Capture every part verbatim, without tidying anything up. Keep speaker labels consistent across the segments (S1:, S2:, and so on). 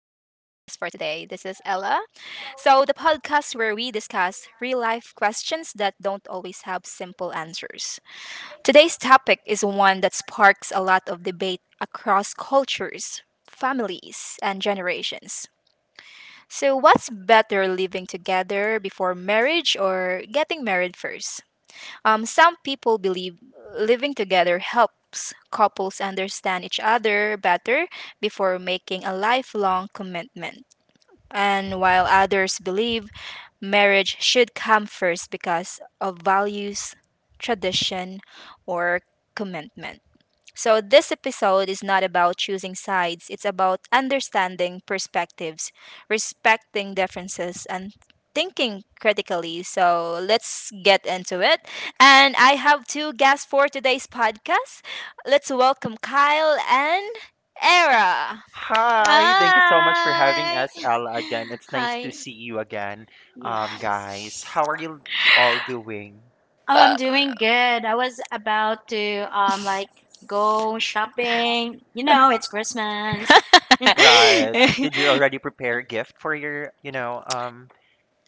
S1: This is Ella. So, the podcast where we discuss real life questions that don't always have simple answers. Today's topic is one that sparks a lot of debate across cultures, families, and generations. So, what's better living together before marriage or getting married first? Um, some people believe living together helps couples understand each other better before making a lifelong commitment. And while others believe marriage should come first because of values, tradition, or commitment. So, this episode is not about choosing sides, it's about understanding perspectives, respecting differences, and thinking critically. So, let's get into it. And I have two guests for today's podcast. Let's welcome Kyle and Era.
S2: Hi, thank you so much for having
S3: Hi.
S2: us, Ella, again. It's nice to
S3: Hi.
S2: see you again, um,
S3: Yes.
S2: guys. How are you all doing?
S3: Oh, I'm doing good. I was about to um like go shopping. You know, it's Christmas.
S2: Right. Did you already prepare a gift for your, you know, um,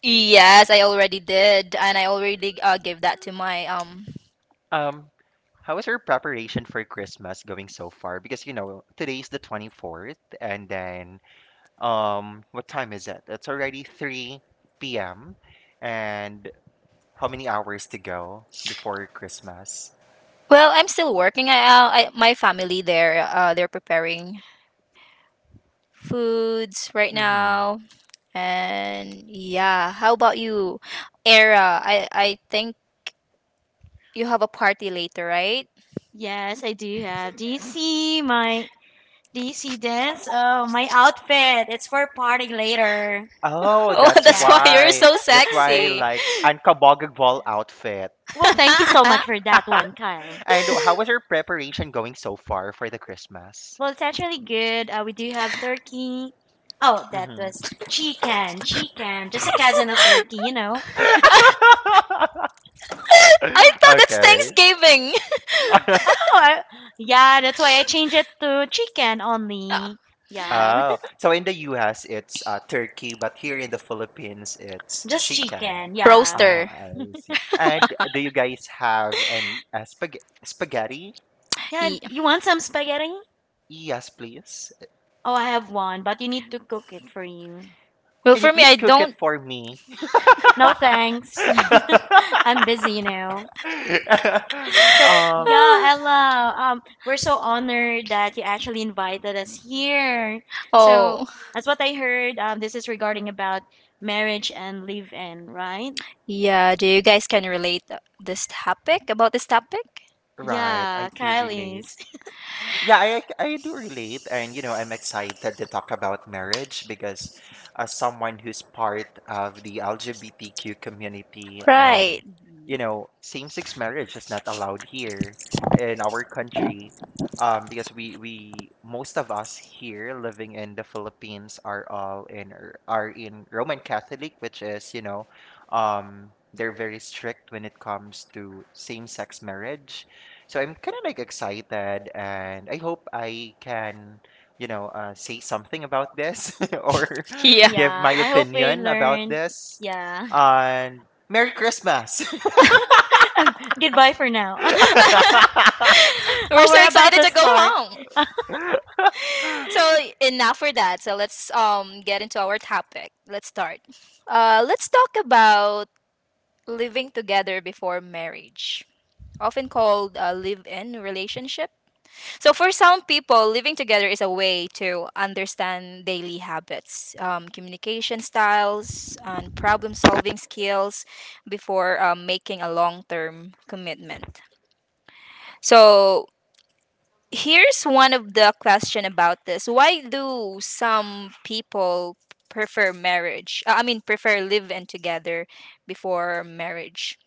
S1: Yes, I already did, and I already uh, gave that to my um
S2: um, how is your preparation for Christmas going so far? Because, you know, today's the twenty-fourth, and then, um, what time is it? It's already three p m, and how many hours to go before Christmas?
S1: Well, I'm still working. I, uh, I my family there. Uh, they're preparing foods right
S2: Mm-hmm.
S1: now, and yeah. How about you, Era? I I think you have a party later, right?
S3: Yes, I do have. Do you see my do you see this? Oh, my outfit. It's for partying later.
S2: Oh,
S1: Oh,
S2: that's
S1: that's why
S3: Yeah.
S1: you're
S2: why.
S1: so
S2: That's why,
S1: sexy.
S2: like, unkabogagbol outfit.
S3: Well, thank you so
S1: I
S3: much for that one, Kyle.
S2: And how was your preparation going so far for the Christmas?
S3: Well, it's actually good. Uh, we do have turkey. Oh, that
S2: Hmm.
S3: was chicken, chicken, just a cousin of turkey, you know.
S1: thought it's
S2: Okay.
S1: Thanksgiving.
S3: Oh, I- yeah, that's why I changed it to chicken only. Yeah,
S2: Oh, so in the U S it's uh, turkey, but here in the Philippines it's
S3: just
S2: chicken.
S3: chicken. Yeah.
S2: Ah,
S1: Roaster.
S2: I see. And do you guys have any uh, spag spaghetti?
S3: Yeah, you want some spaghetti?
S2: Yes, please.
S3: Oh, I have one, but you need to cook it for you.
S1: Well,
S2: Can you
S1: for me,
S2: please
S1: I
S2: cook it
S1: don't.
S2: for me?
S3: No thanks. I'm busy, you know. So,
S2: um,
S3: yeah, Ella, um, we're so honored that you actually invited us here. So,
S1: Oh.
S3: as what I heard, um, this is regarding about marriage and live-in, right?
S1: Yeah, do you guys can relate uh, this topic about this topic?
S2: right,
S3: Yeah,
S2: I do
S3: Kyle
S2: relate.
S3: is.
S2: Yeah, I ac- I do relate, and you know, I'm excited to talk about marriage because, as someone who's part of the L G B T Q community, um,
S1: Right.
S2: you know, same-sex marriage is not allowed here in our country, um, because we we most of us here living in the Philippines are all in are are in Roman Catholic, which is, you know, um, they're very strict when it comes to same-sex marriage, so I'm kind of like excited, and I hope I can, you know, uh, say something about this or
S1: Yeah.
S2: give
S3: Yeah,
S2: my
S3: I hope we
S2: opinion about
S3: learned.
S2: this.
S3: Yeah.
S2: And Merry Christmas!
S3: Um, goodbye for now.
S1: We're
S3: Oh,
S1: so
S3: we're about
S1: excited
S3: to
S1: to go
S3: start.
S1: home. So enough for that. So let's um get into our topic. Let's start. Uh, let's talk about living together before marriage, often called a live-in relationship. So for some people, living together is a way to understand daily habits, um, communication styles, and problem-solving skills before um, making a long-term commitment. So here's one of the question about this: Why do some people prefer marriage? uh, I mean, prefer live-in together before marriage?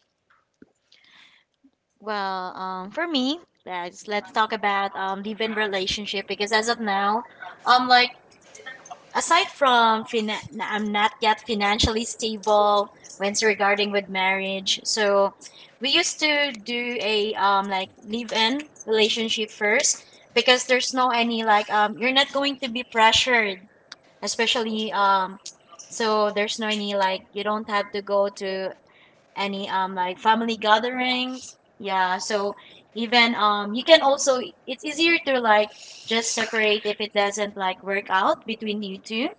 S3: Well, um, for me, guys, let's talk about um live-in relationship because as of now, um, like aside from fin- I'm not yet financially stable when it's regarding with marriage. So we used to do a um like live-in relationship first because there's no any like um you're not going to be pressured, especially um so there's no any like you don't have to go to any um like family gathering. Yeah, so even um you can also it's easier to like just separate if it doesn't like work out between you two.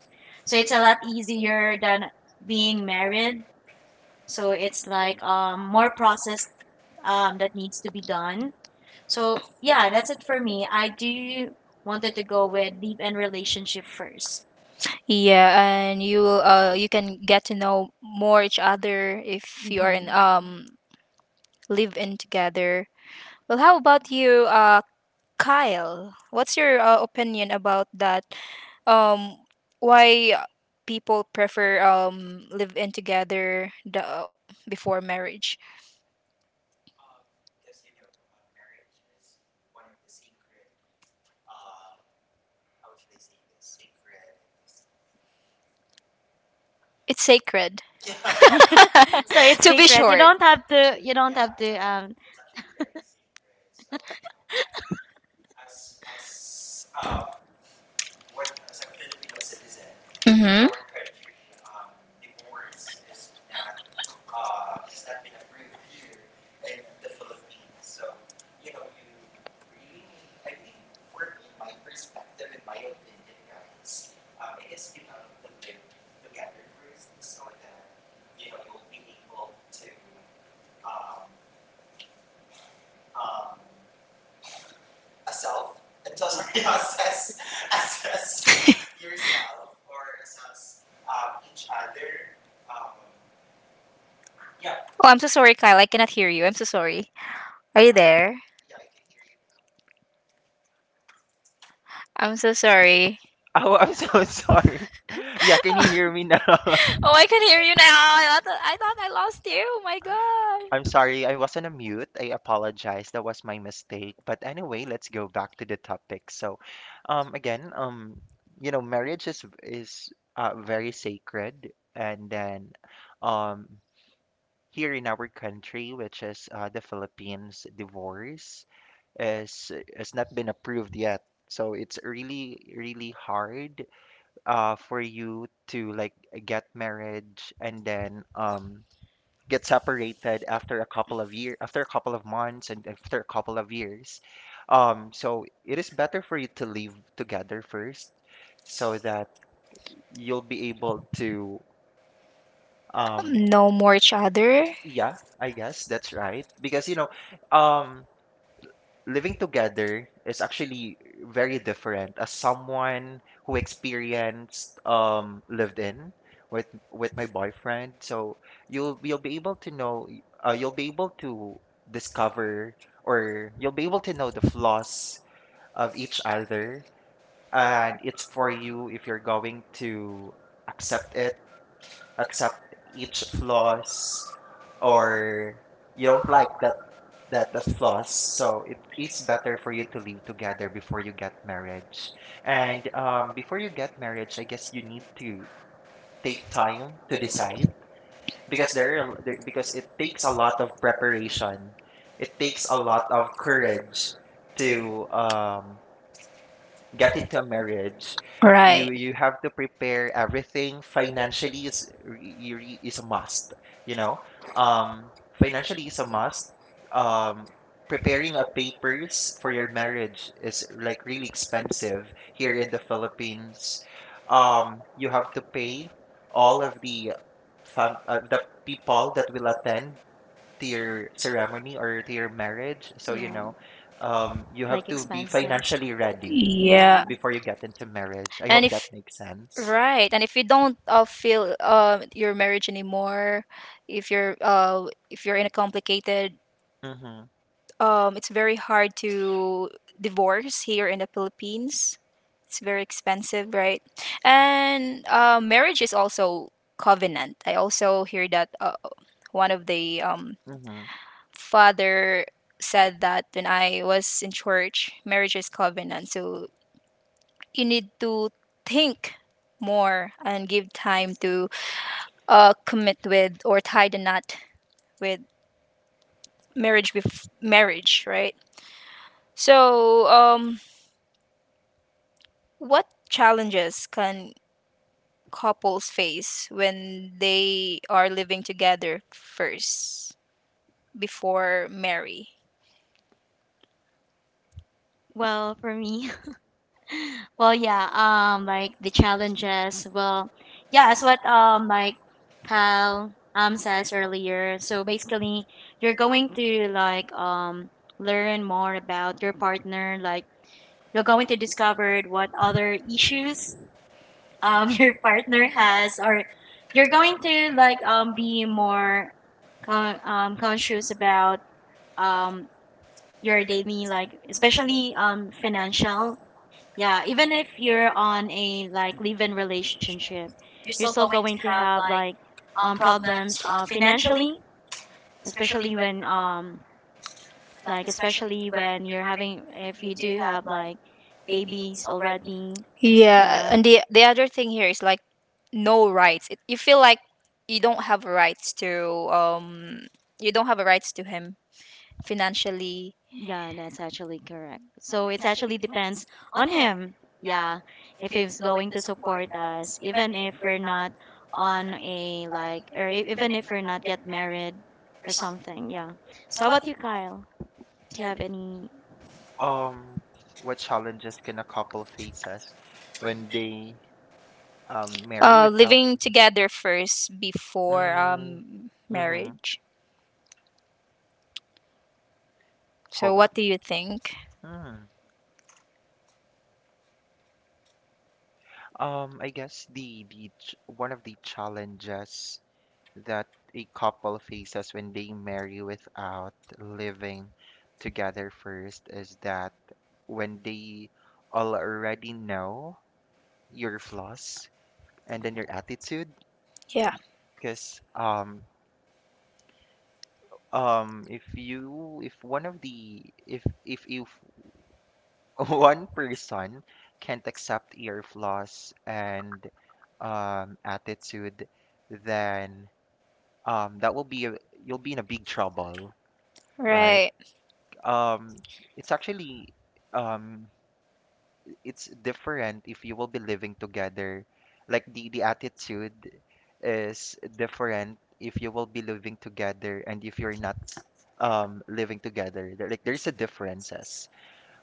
S3: So it's a lot easier than being married. So it's like um more process um that needs to be done. So yeah, that's it for me. I do wanted to go with deep and relationship first.
S1: Yeah, and you will, uh you can get to know more each other if you are in um live in together. Well, how about you, uh, Kyle? What's your uh, opinion about that? Um, why people prefer um live in together the, before marriage? It's sacred.
S3: So it's
S1: To be
S3: secret. You
S1: short.
S3: don't have to. You don't have to. Um.
S1: Mm-hmm. Oh, I'm so sorry, Kyle. I cannot hear you. I'm so sorry. Are you there? I'm so sorry.
S2: Oh, I'm so sorry. Yeah, can you hear me now?
S1: Oh, I can hear you now. I thought I, thought I lost you. Oh my
S2: I'm sorry, I wasn't on mute. I apologize. That was my
S1: god.
S2: mistake. But anyway, let's go back to the topic. So, um, again, um, you know, marriage is is uh, very sacred, and then, um, here in our country, which is uh, the Philippines, divorce is has not been approved yet. So it's really, really hard uh, for you to like get marriage and then um, get separated after a couple of year after a couple of months and after a couple of years, um, so it is better for you to live together first so that you'll be able to um
S1: No more each other.
S2: yeah I guess that's right because you know, um, living together is actually very different. As someone who experienced um lived in with with my boyfriend, so you'll you'll be able to know y- uh, you'll be able to discover, or you'll be able to know the flaws of each other, and it's for you if you're going to accept it, accept each flaws, or you don't like that that the flaws. So it is better for you to live together before you get marriage, and, um, before you get marriage I guess you need to take time to decide, because there, are, a l- there, because it takes a lot of preparation, it takes a lot of courage to, um, get into a marriage. you
S1: Right.
S2: you have to prepare everything. Financially is re- re- is a must, you know. Um, financially is a must. Um, preparing a papers for your marriage is like really expensive here in the Philippines. Um, you have to pay all of the fam uh, the people that will attend to your ceremony or to your marriage. So, you
S3: Yeah.
S2: know, um, you have
S3: Like
S2: to be
S3: expense that.
S2: financially ready
S1: Yeah.
S3: Yeah.
S2: before you get into marriage. I
S1: And
S2: hope that
S1: if
S2: makes sense.
S1: Right, and if you don't uh, feel uh, your marriage anymore, if you're uh, if you're in a complicated
S2: Mhm.
S1: Um, it's very hard to divorce here in the Philippines. It's very expensive, right? And uh, marriage is also covenant. I also hear that uh, one of the um,
S2: Mhm.
S1: father said that when I was in church, marriage is covenant. So you need to think more and give time to uh, commit with or tie the knot with marriage with marriage, right? So um, what challenges can couples face when they are living together first before marry?
S3: Well, for me, well, yeah. Um, like the challenges. Well, yeah. It's what um like Kyle um says earlier. So basically, you're going to like um learn more about your partner. Like you're going to discover what other issues um your partner has or you're going to like um be more con- um, conscious about um, your daily like especially um, financial, yeah, even if you're on a like live-in relationship you're still going to have like um, problems uh, financially, especially when um like especially when you're having if you do have like babies already.
S1: Yeah,
S3: Yeah.
S1: and the the other thing here is like no rights. It, you feel like you don't have rights to um you don't have rights to him financially.
S3: Yeah, that's actually correct. So it actually depends on him. Yeah, if he's going to support us, even if we're not on a like, or e- even if we're not yet married or something. Yeah. So how about you, Kyle? Do you have any?
S2: Um, what challenges can a couple faces when they um marry
S1: Uh,
S2: without
S1: living
S2: living?
S1: together first before
S2: Mm,
S1: um
S2: mhm.
S1: marriage. So
S2: Hold
S1: what do
S2: on.
S1: you think?
S2: Hmm. Um, I guess the the ch- one of the challenges that a couple faces when they marry without living together first is that when they already know your flaws, and then your attitude,
S1: Yeah.
S2: because um um if you, if one of the if if if one person can't accept your flaws and, um, attitude, then, um, that will be a, you'll be in a big trouble, right?
S1: Right.
S2: Um, it's actually, um, it's different if you will be living together, like the the attitude is different if you will be living together and if you're not, um, living together. There like there's a differences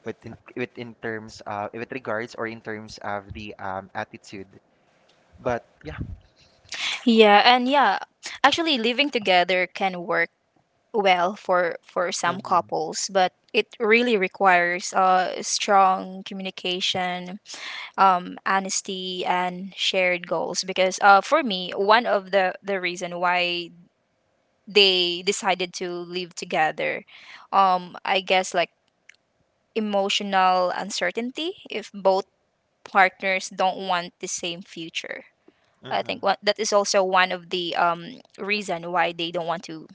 S2: within with in terms uh with regards or in terms of the, um, attitude, but yeah.
S1: Yeah, and yeah, actually living together can work well for for some
S2: Mm-hmm.
S1: couples but it really requires uh, strong communication, um, honesty and shared goals because uh, for me one of the the reason why they decided to live together, um, I guess like emotional uncertainty. If both partners don't want the same future, I think
S2: Mm-hmm.
S1: one, that is also one of the um, reason why they don't want to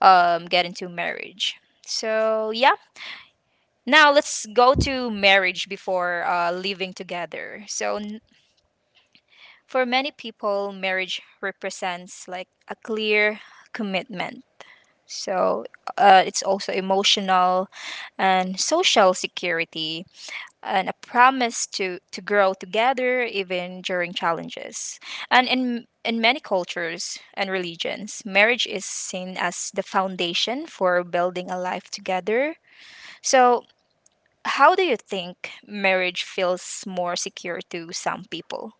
S1: um, get into marriage. So yeah. Now let's go to marriage before uh, living together. So n- for many people, marriage represents like a clear commitment. So uh, it's also emotional and social security, and a promise to, to grow together even during challenges. And in in many cultures and religions, marriage is seen as the foundation for building a life together. So how do you think marriage feels more secure to some people?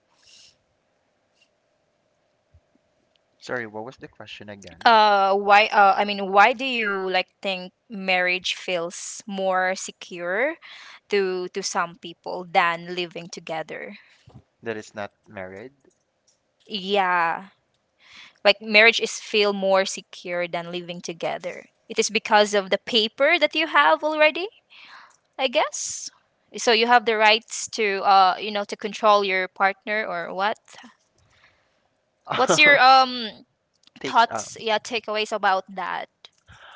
S2: Sorry, what was the question again?
S1: Uh, why? Uh, I mean, why do you like think marriage feels more secure to to some people than living together?
S2: That is not married.
S1: Yeah, like marriage is feel more secure than living together. It is because of the paper that you have already, I guess. So you have the rights to uh you know to control your partner or what? What's your um
S2: Take uh
S1: thoughts, yeah, takeaways about that.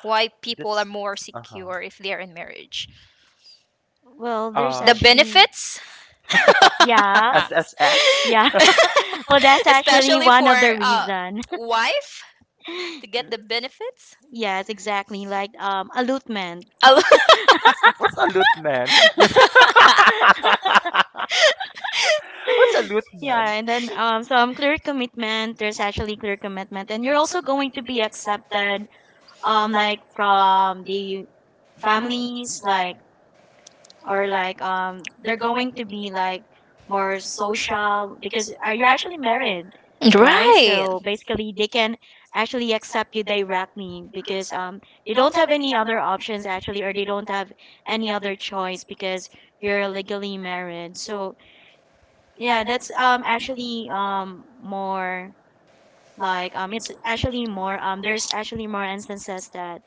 S1: Why people are
S2: that's
S1: more
S2: uh-huh,
S1: secure if they're in marriage.
S3: Well, there's
S1: The
S2: um.
S3: actually,
S1: benefits,
S3: yeah,
S2: S S S.
S3: yeah. Well, that's actually
S1: especially
S3: one
S1: for
S3: of the
S1: uh,
S3: reason.
S1: wife to get the benefits.
S3: Yes, exactly. Like um, allotment.
S2: What's a loot man? What's a loot man?
S3: Yeah, and then um, so um, clear commitment. There's actually clear commitment, and you're also going to be accepted, um, like from the families, like or like um, they're going to be like more social because uh, you're actually married, right?
S1: Right.
S3: So basically, they can actually accept you directly because um, they don't have any other options actually, or they don't have any other choice because you're legally married. So yeah, that's um actually um more like um it's actually more, um there's actually more instances that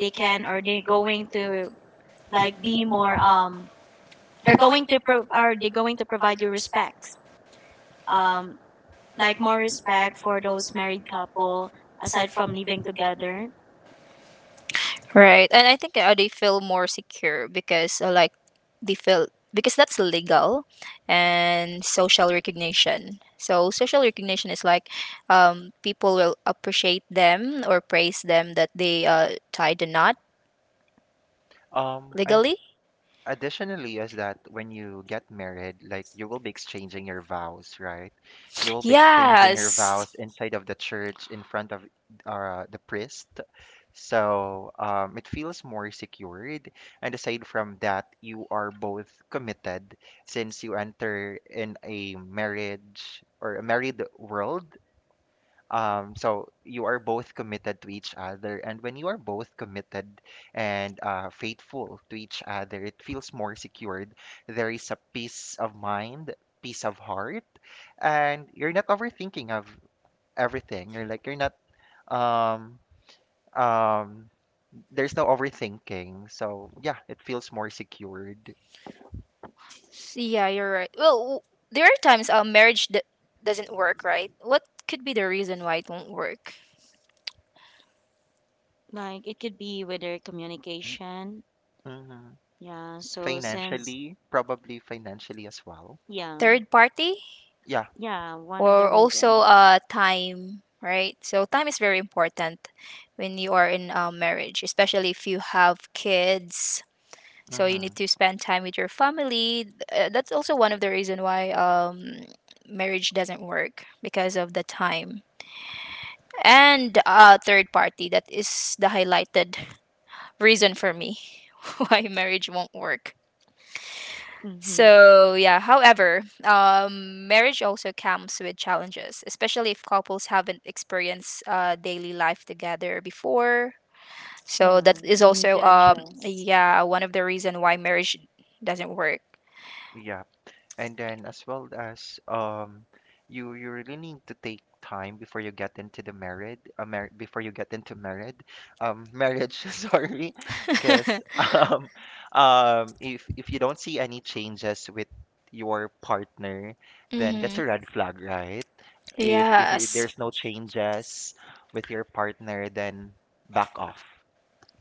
S3: they can or they're going to like be more, um they're going to pro are they going to provide you respect, um like more respect for those married couple aside from living together.
S1: Right. And I think uh, they feel more secure because uh, like they feel because that's legal and social recognition. So social recognition is like um, people will appreciate them or praise them that they uh, tied the knot
S2: Um, and
S1: legally.
S2: additionally is that when you get married, like you will be exchanging your vows, right? You will be exchanging your
S1: Yes.
S2: vows inside of the church in front of, uh, the priest, so, um, it feels more secured. And aside from that, you are both committed since you enter in a marriage or a married world, um, so you are both committed to each other, and when you are both committed and, uh, faithful to each other, it feels more secured. There is a peace of mind, peace of heart, and you're not overthinking of everything. You're like you're not um um there's no overthinking. So yeah, it feels more secured.
S1: Yeah, you're right. Well, w- there are times uh, marriage d- doesn't work, right? What could be the reason why it won't work?
S3: Like it could be with their communication.
S2: Hmm.
S3: Yeah, so since,
S2: Financially, probably financially as well.
S3: yeah,
S1: Third party?
S2: Yeah.
S3: yeah, one of the
S1: Or
S3: reason,
S1: also
S3: yeah.
S1: uh time, right? So time is very important when you are in a marriage, especially if you have kids. So you
S2: Mm-hmm.
S1: need to spend time with your family. Uh, that's also one of the reason why um marriage doesn't work, because of the time and uh third party. That is the highlighted reason for me why marriage won't work.
S3: Mm-hmm.
S1: So yeah, however, um, marriage also comes with challenges, especially if couples haven't experienced uh, daily life together before. So
S3: Yeah,
S1: that is
S3: they need
S1: also
S3: to
S1: um,
S3: adjust.
S1: yeah, one of the reason why marriage doesn't work.
S2: Yeah. And then as well as, um, you you really need to take time before you get into the married uh, mar- before you get into married um marriage sorry, because, um um if if you don't see any changes with your partner, then that's
S1: Hmm.
S2: a red flag, right? if if y-
S1: Yes,
S2: There's no changes with your partner, then back off,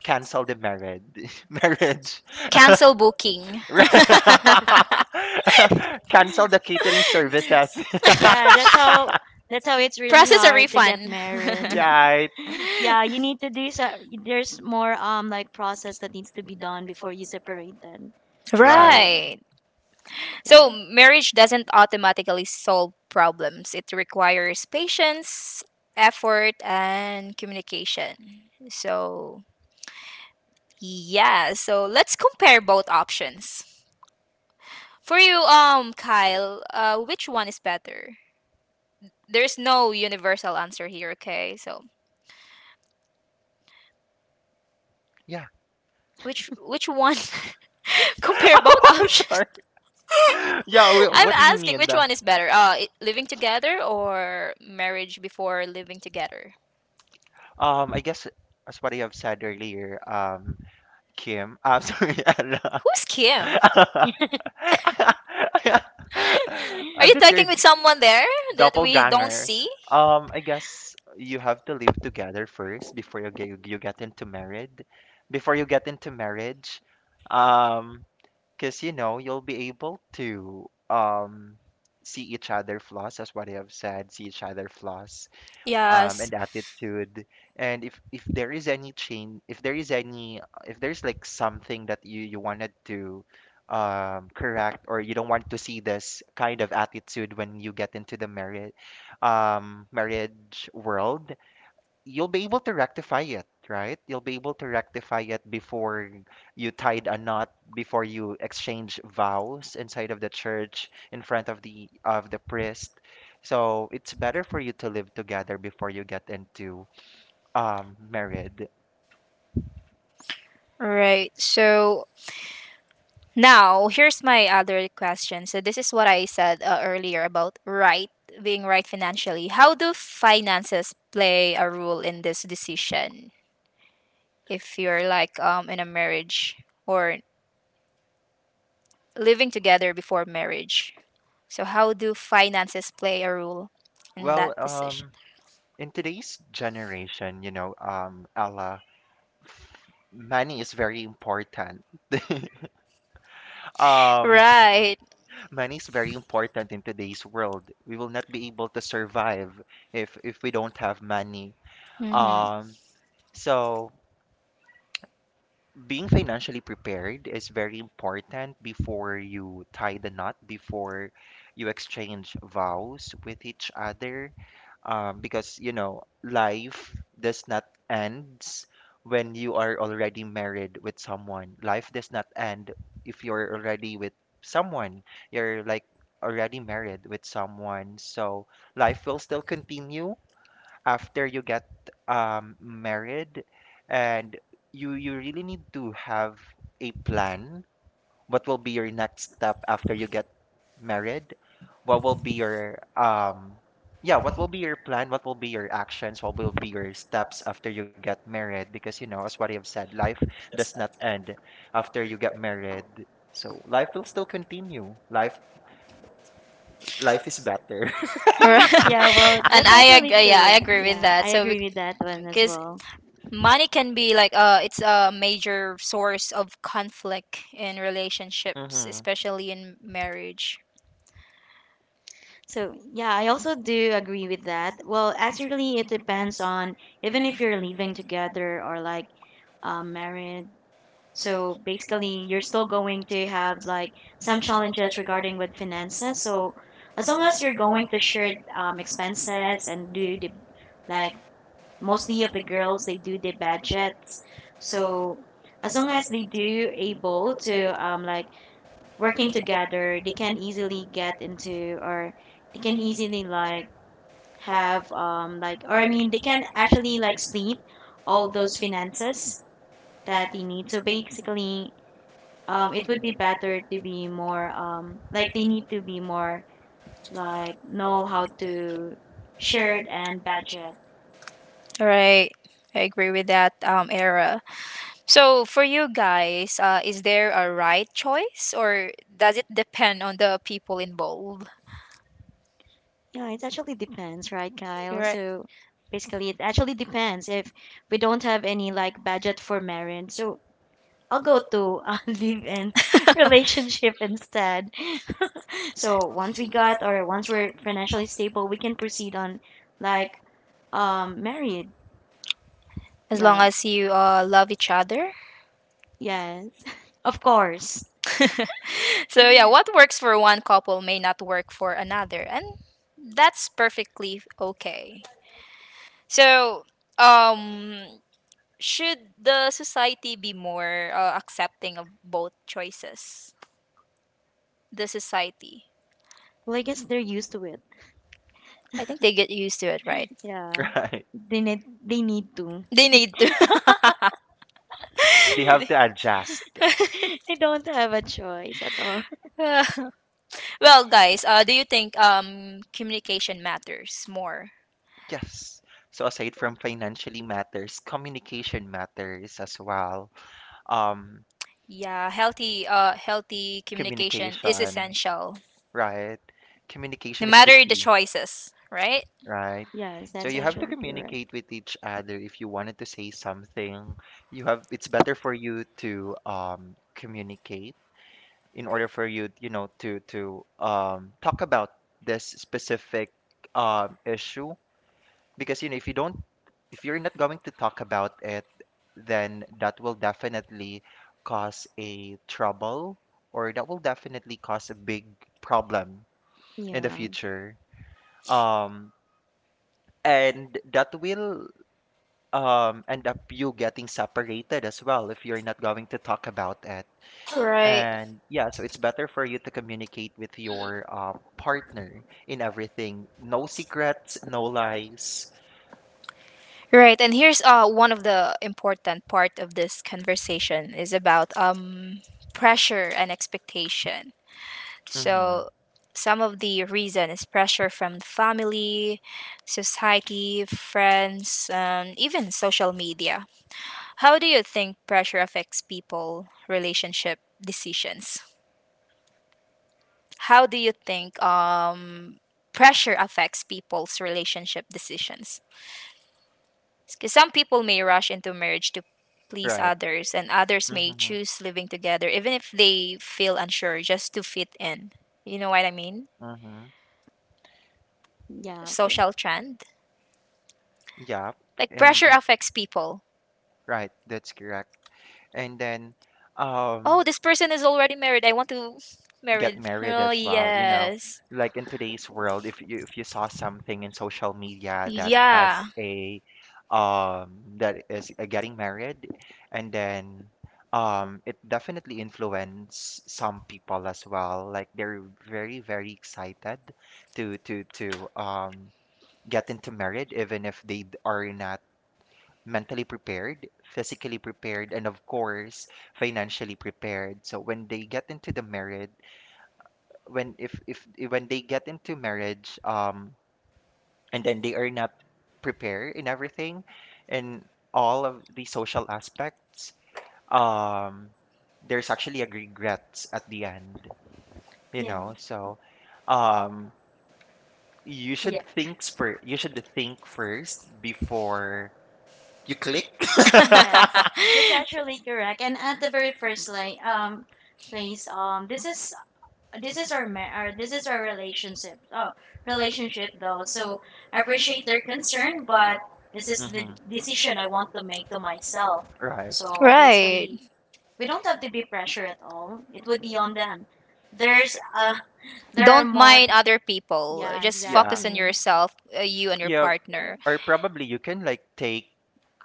S2: cancel the marriage marriage.
S1: cancel booking,
S2: Cancel the catering services.
S3: Yeah, that's how, that's how it's really
S1: process a
S3: hard to get
S1: refund.
S3: married.
S2: Right,
S3: Yeah, you need to do, so there's more um like process that needs to be done before you separate then.
S2: right.
S3: So
S1: Right. So,
S3: yeah.
S1: marriage doesn't automatically solve problems. It requires patience, effort, and communication. So, yeah, so let's compare both options. For you, um, Kyle, uh, which one is better? There's no universal answer here, okay? So,
S2: Yeah.
S1: which which one? Compare both
S2: Oh,
S1: options.
S2: sorry. Yeah, wh-
S1: I'm
S2: what do you
S1: asking
S2: mean?
S1: which
S2: The,
S1: one is better? Uh, i- living together or marriage before living together?
S2: um, I guess, as what I have said earlier, um, Kim, uh, sorry, Ella.
S1: Who's Kim? Are
S2: Uh,
S1: you
S2: that's your
S1: talking with someone there that we don't
S2: doppelganger.
S1: see?
S2: Um, I guess you have to live together first before you get you get into married. Before you get into marriage, um, because you know you'll be able to, um, see each other flaws. As what I have said, see each other flaws, um,
S1: Yes.
S2: and attitude, and if if there is any change, if there is any, if there's like something that you you wanted to, um, correct, or you don't want to see this kind of attitude when you get into the marriage um marriage world, you'll be able to rectify it, right? You'll be able to rectify it before you tied a knot, before you exchange vows inside of the church in front of the of the priest. So it's better for you to live together before you get into, um, married.
S1: Right. So now here's my other question. So this is what I said uh, earlier about right being right financially. How do finances play a role in this decision if you're like um in a marriage or living together before marriage? So how do finances play a role in
S2: Well,
S1: that decision?
S2: um, in today's generation, you know, um, Ella, f- money is very important. Um,
S1: Right.
S2: money is very important in today's world. We will not be able to survive if if we don't have money.
S1: Mhm.
S2: Um, so being financially prepared is very important before you tie the knot, before you exchange vows with each other, um, because you know life does not ends when you are already married with someone. Life does not end if you're already with someone, you're like already married with someone, so life will still continue after you get, um, married. And you you really need to have a plan. What will be your next step after you get married? What will be your, um, yeah, what will be your plan? What will be your actions? What will be your steps after you get married? Because you know, as what I've said, life does not end after you get married. So life will still continue. Life life is better.
S1: Right.
S3: Yeah, well
S1: And
S3: that's
S1: I
S3: actually
S1: agree. Yeah, I
S3: correct.
S1: agree with
S3: Yeah,
S1: that.
S3: I
S1: So
S3: agree with that one as
S1: because
S3: well.
S1: money can be like uh it's a major source of conflict in relationships,
S2: Hmm.
S1: especially in marriage.
S3: So yeah, I also do agree with that. Well actually it depends on, even if you're living together or like um married. So basically, you're still going to have like some challenges regarding with finances. So as long as you're going to share um, expenses and do the like, mostly of the girls they do the budgets. So as long as they do able to um like working together, they can easily get into or they can easily like have um like or I mean they can actually like split all those finances that they need. So basically um it would be better to be more um like, they need to be more like know how to shared and budget.
S1: Right, I agree with that um, Era. So for you guys, uh, is there a right choice or does it depend on the people involved?
S3: Yeah, it actually depends, right, Kyle?
S1: Right.
S3: So basically it actually depends if we don't have any like budget for marriage, so I'll go to uh, live in relationship instead. So once we got or once we're financially stable we can proceed on like um married.
S1: As long
S3: Yeah.
S1: as you uh, love each other.
S3: Yes, of course.
S1: So yeah, what works for one couple may not work for another, and that's perfectly okay. So, um, should the society be more uh, accepting of both choices? The society,
S3: Well, I guess they're used to it.
S1: I think they get used to it, right?
S3: Yeah,
S2: Right.
S3: they need they need to.
S1: They need to.
S2: They have
S1: They-
S2: to adjust.
S3: They don't have a choice at all.
S1: Uh, well, guys, uh, do you think um communication matters more?
S2: Yes. So aside from financially matters, communication matters as well. Um,
S1: Yeah, healthy uh healthy communication is
S2: communication.
S1: essential,
S2: Right? Communication
S1: no
S2: is the
S1: matter the
S2: key,
S1: choices, right?
S2: right?
S3: Yes,
S2: So
S3: that's
S2: you have to
S3: actually correct.
S2: communicate with each other if you wanted to say something. You have It's better for you to, um, communicate in order for you, you know, to, to um, talk about this specific, um, issue, because you know if you don't, if you're not going to talk about it, then that will definitely cause a trouble, or that will definitely cause a big problem in the
S3: Yeah,
S2: future. Um, and that will, um, end up you getting separated as well if you're not going to talk about it.
S1: Right.
S2: And yeah, so it's better for you to communicate with your, um, partner in everything. No secrets, no lies.
S1: Right, and here's uh one of the important part of this conversation is about um pressure and expectation. So
S2: Mm-hmm.
S1: some of the reason is pressure from family, society, friends, um, even social media. How do you think pressure affects people relationship decisions? How do you think um, pressure affects people's relationship decisions? Because some people may rush into marriage to please
S2: Right.
S1: others, and others may
S2: Mm-hmm.
S1: choose living together even if they feel unsure just to fit in. You know what I mean?
S2: Mm-hmm.
S3: yeah, yeah,
S1: Social trend.
S2: Yeah.
S1: Like
S2: And
S1: pressure affects people.
S2: right, that's correct. And then,
S1: Oh,
S2: um,
S1: this person is already married. I want to
S2: get
S1: married.
S2: married
S1: Oh
S2: as well. You know,
S1: yes.
S2: like in today's world, if you if you saw something in social media that has
S1: Yeah.
S2: a, um, that is, uh, getting married, and then, um, it definitely influence some people as well. Like they're very, very excited to to to um, get into marriage, even if they d- are not mentally prepared, physically prepared, and of course financially prepared. So when they get into the marriage, when if if if- when they get into marriage, um, and then they are not prepared in everything, in all of the social aspects, um, there's actually a regret at the end, you
S3: yeah,
S2: know, so, um, you
S3: yeah.
S2: should think for you should think first before you click.
S3: Yes, that's actually correct. And at the very first like um place, um, this is this is our ma- or this is our relationship. Oh, relationship though. So I appreciate their concern, but this is the
S2: Hmm.
S3: decision I want to make to myself.
S2: Right.
S3: So
S1: Right.
S3: basically, we don't have to be pressure at all. It would be on them. There's uh there are
S1: Don't
S3: more
S1: mind other people.
S3: Yeah,
S1: Just
S2: Yeah.
S1: focus on
S3: exactly.
S1: yourself, uh, you and your
S2: Yeah,
S3: Yeah,
S1: partner.
S2: or probably you can like take,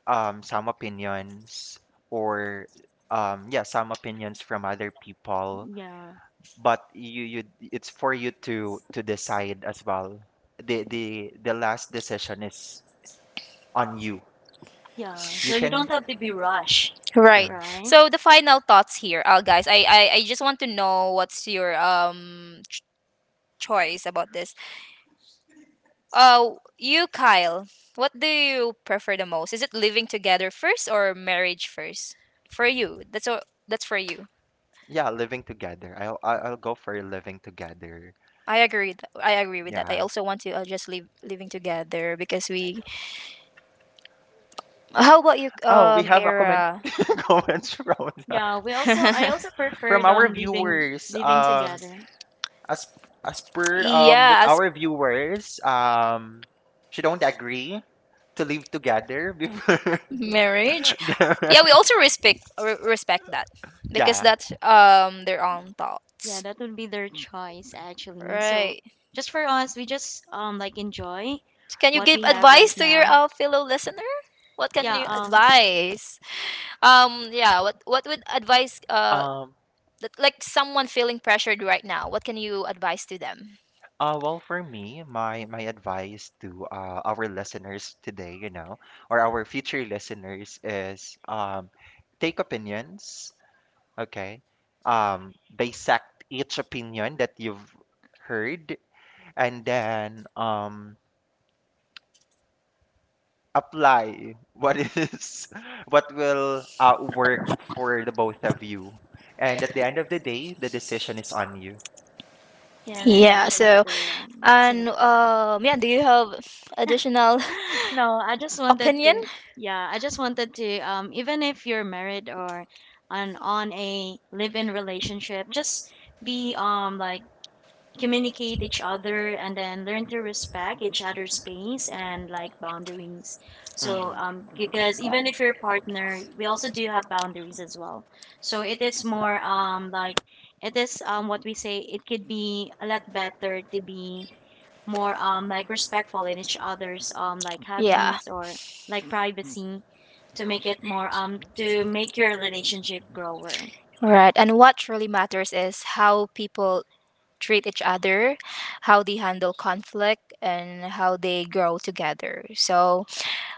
S2: um, some opinions, or, um, yeah, some opinions from other people,
S3: yeah.
S2: but you you, it's for you to, to decide as well. The the the last decision is on you.
S3: Yeah.
S2: You
S3: So you don't
S2: can.
S3: have to be rushed,
S1: Right.
S2: Yeah.
S3: right?
S1: So the final thoughts here, uh, guys. I, I I just want to know what's your um ch- choice about this. Uh, you, Kyle. What do you prefer the most? Is it living together first or marriage first? For you, that's all, that's for you.
S2: Yeah, living together. I'll I'll I'll go for living together.
S1: I agree. Th- I agree with that. I
S2: Yeah.
S1: also want to uh, just live living together because we. How about you,
S2: Oh, we
S1: um,
S2: have a comment.
S1: Era?
S2: Comments from
S3: Yeah, we also I also
S2: from
S3: preferred
S2: our
S3: on living
S2: viewers,
S3: living
S2: um,
S3: together.
S2: as as per, um, with
S1: Yeah, as
S2: our viewers, um, she don't agree to live together before.
S1: marriage. Yeah, we also respect re- respect that because
S2: Yeah.
S1: that's um their own
S3: Yeah,
S1: thoughts.
S3: that would be their choice actually. So
S1: Right.
S3: just for us, we just um like enjoy
S1: Can you
S3: what
S1: give
S3: we have
S1: advice
S3: right
S1: to your
S3: now.
S1: uh, fellow listener? What can
S3: Yeah,
S1: you
S3: um
S1: advise? Um yeah, what what would advise uh
S2: Um,
S1: that, like someone feeling pressured right now? What can you advise to them?
S2: uh, well, for me, my my advice to, uh, our listeners today, you know, or our future listeners is, um, take opinions, okay, um, dissect each opinion that you've heard, and then, um, apply what is what will, uh, work for the both of you, and at the end of the day the decision is on you.
S3: yeah, that's
S1: Yeah,
S3: actually
S1: so.
S3: correct. So
S1: And um, yeah, do you have additional
S3: no, I just wanted
S1: opinion?
S3: to, yeah, I just wanted to um even if you're married or on on a live in relationship, just be um like communicate each other and then learn to respect each other's space and like boundaries. So
S2: Hmm.
S3: um because even if you're a partner, we also do have boundaries as well. So it is more um like, it is um what we say it could be a lot better to be more um like respectful in each other's um like
S1: Yeah.
S3: hobbies or like privacy to make it more um to make your relationship grower.
S1: Right. And what really matters is how people treat each other, how they handle conflict, and how they grow together. So,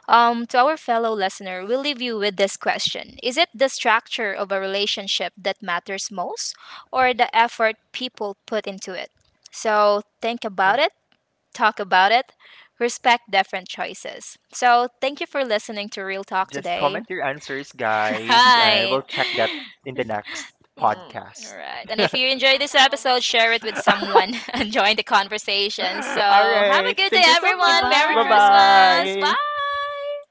S1: um, to our fellow listener, we'll leave you with this question: Is it the structure of a relationship that matters most, or the effort people put into it? So, think about it. Talk about it, respect different choices. So, thank you for listening to Real Talk
S2: Just
S1: today.
S2: comment your answers, guys, and
S1: Right.
S2: we'll check that in the next
S1: Mm,
S2: podcast.
S1: all right. And if you enjoyed this episode, share it with someone and join the conversation. So,
S2: All
S1: have a
S2: right.
S1: good day,
S2: Thank you so
S1: everyone.
S2: much.
S1: Merry
S2: Bye
S3: Goodbye.
S1: Christmas.
S2: bye.
S1: Bye.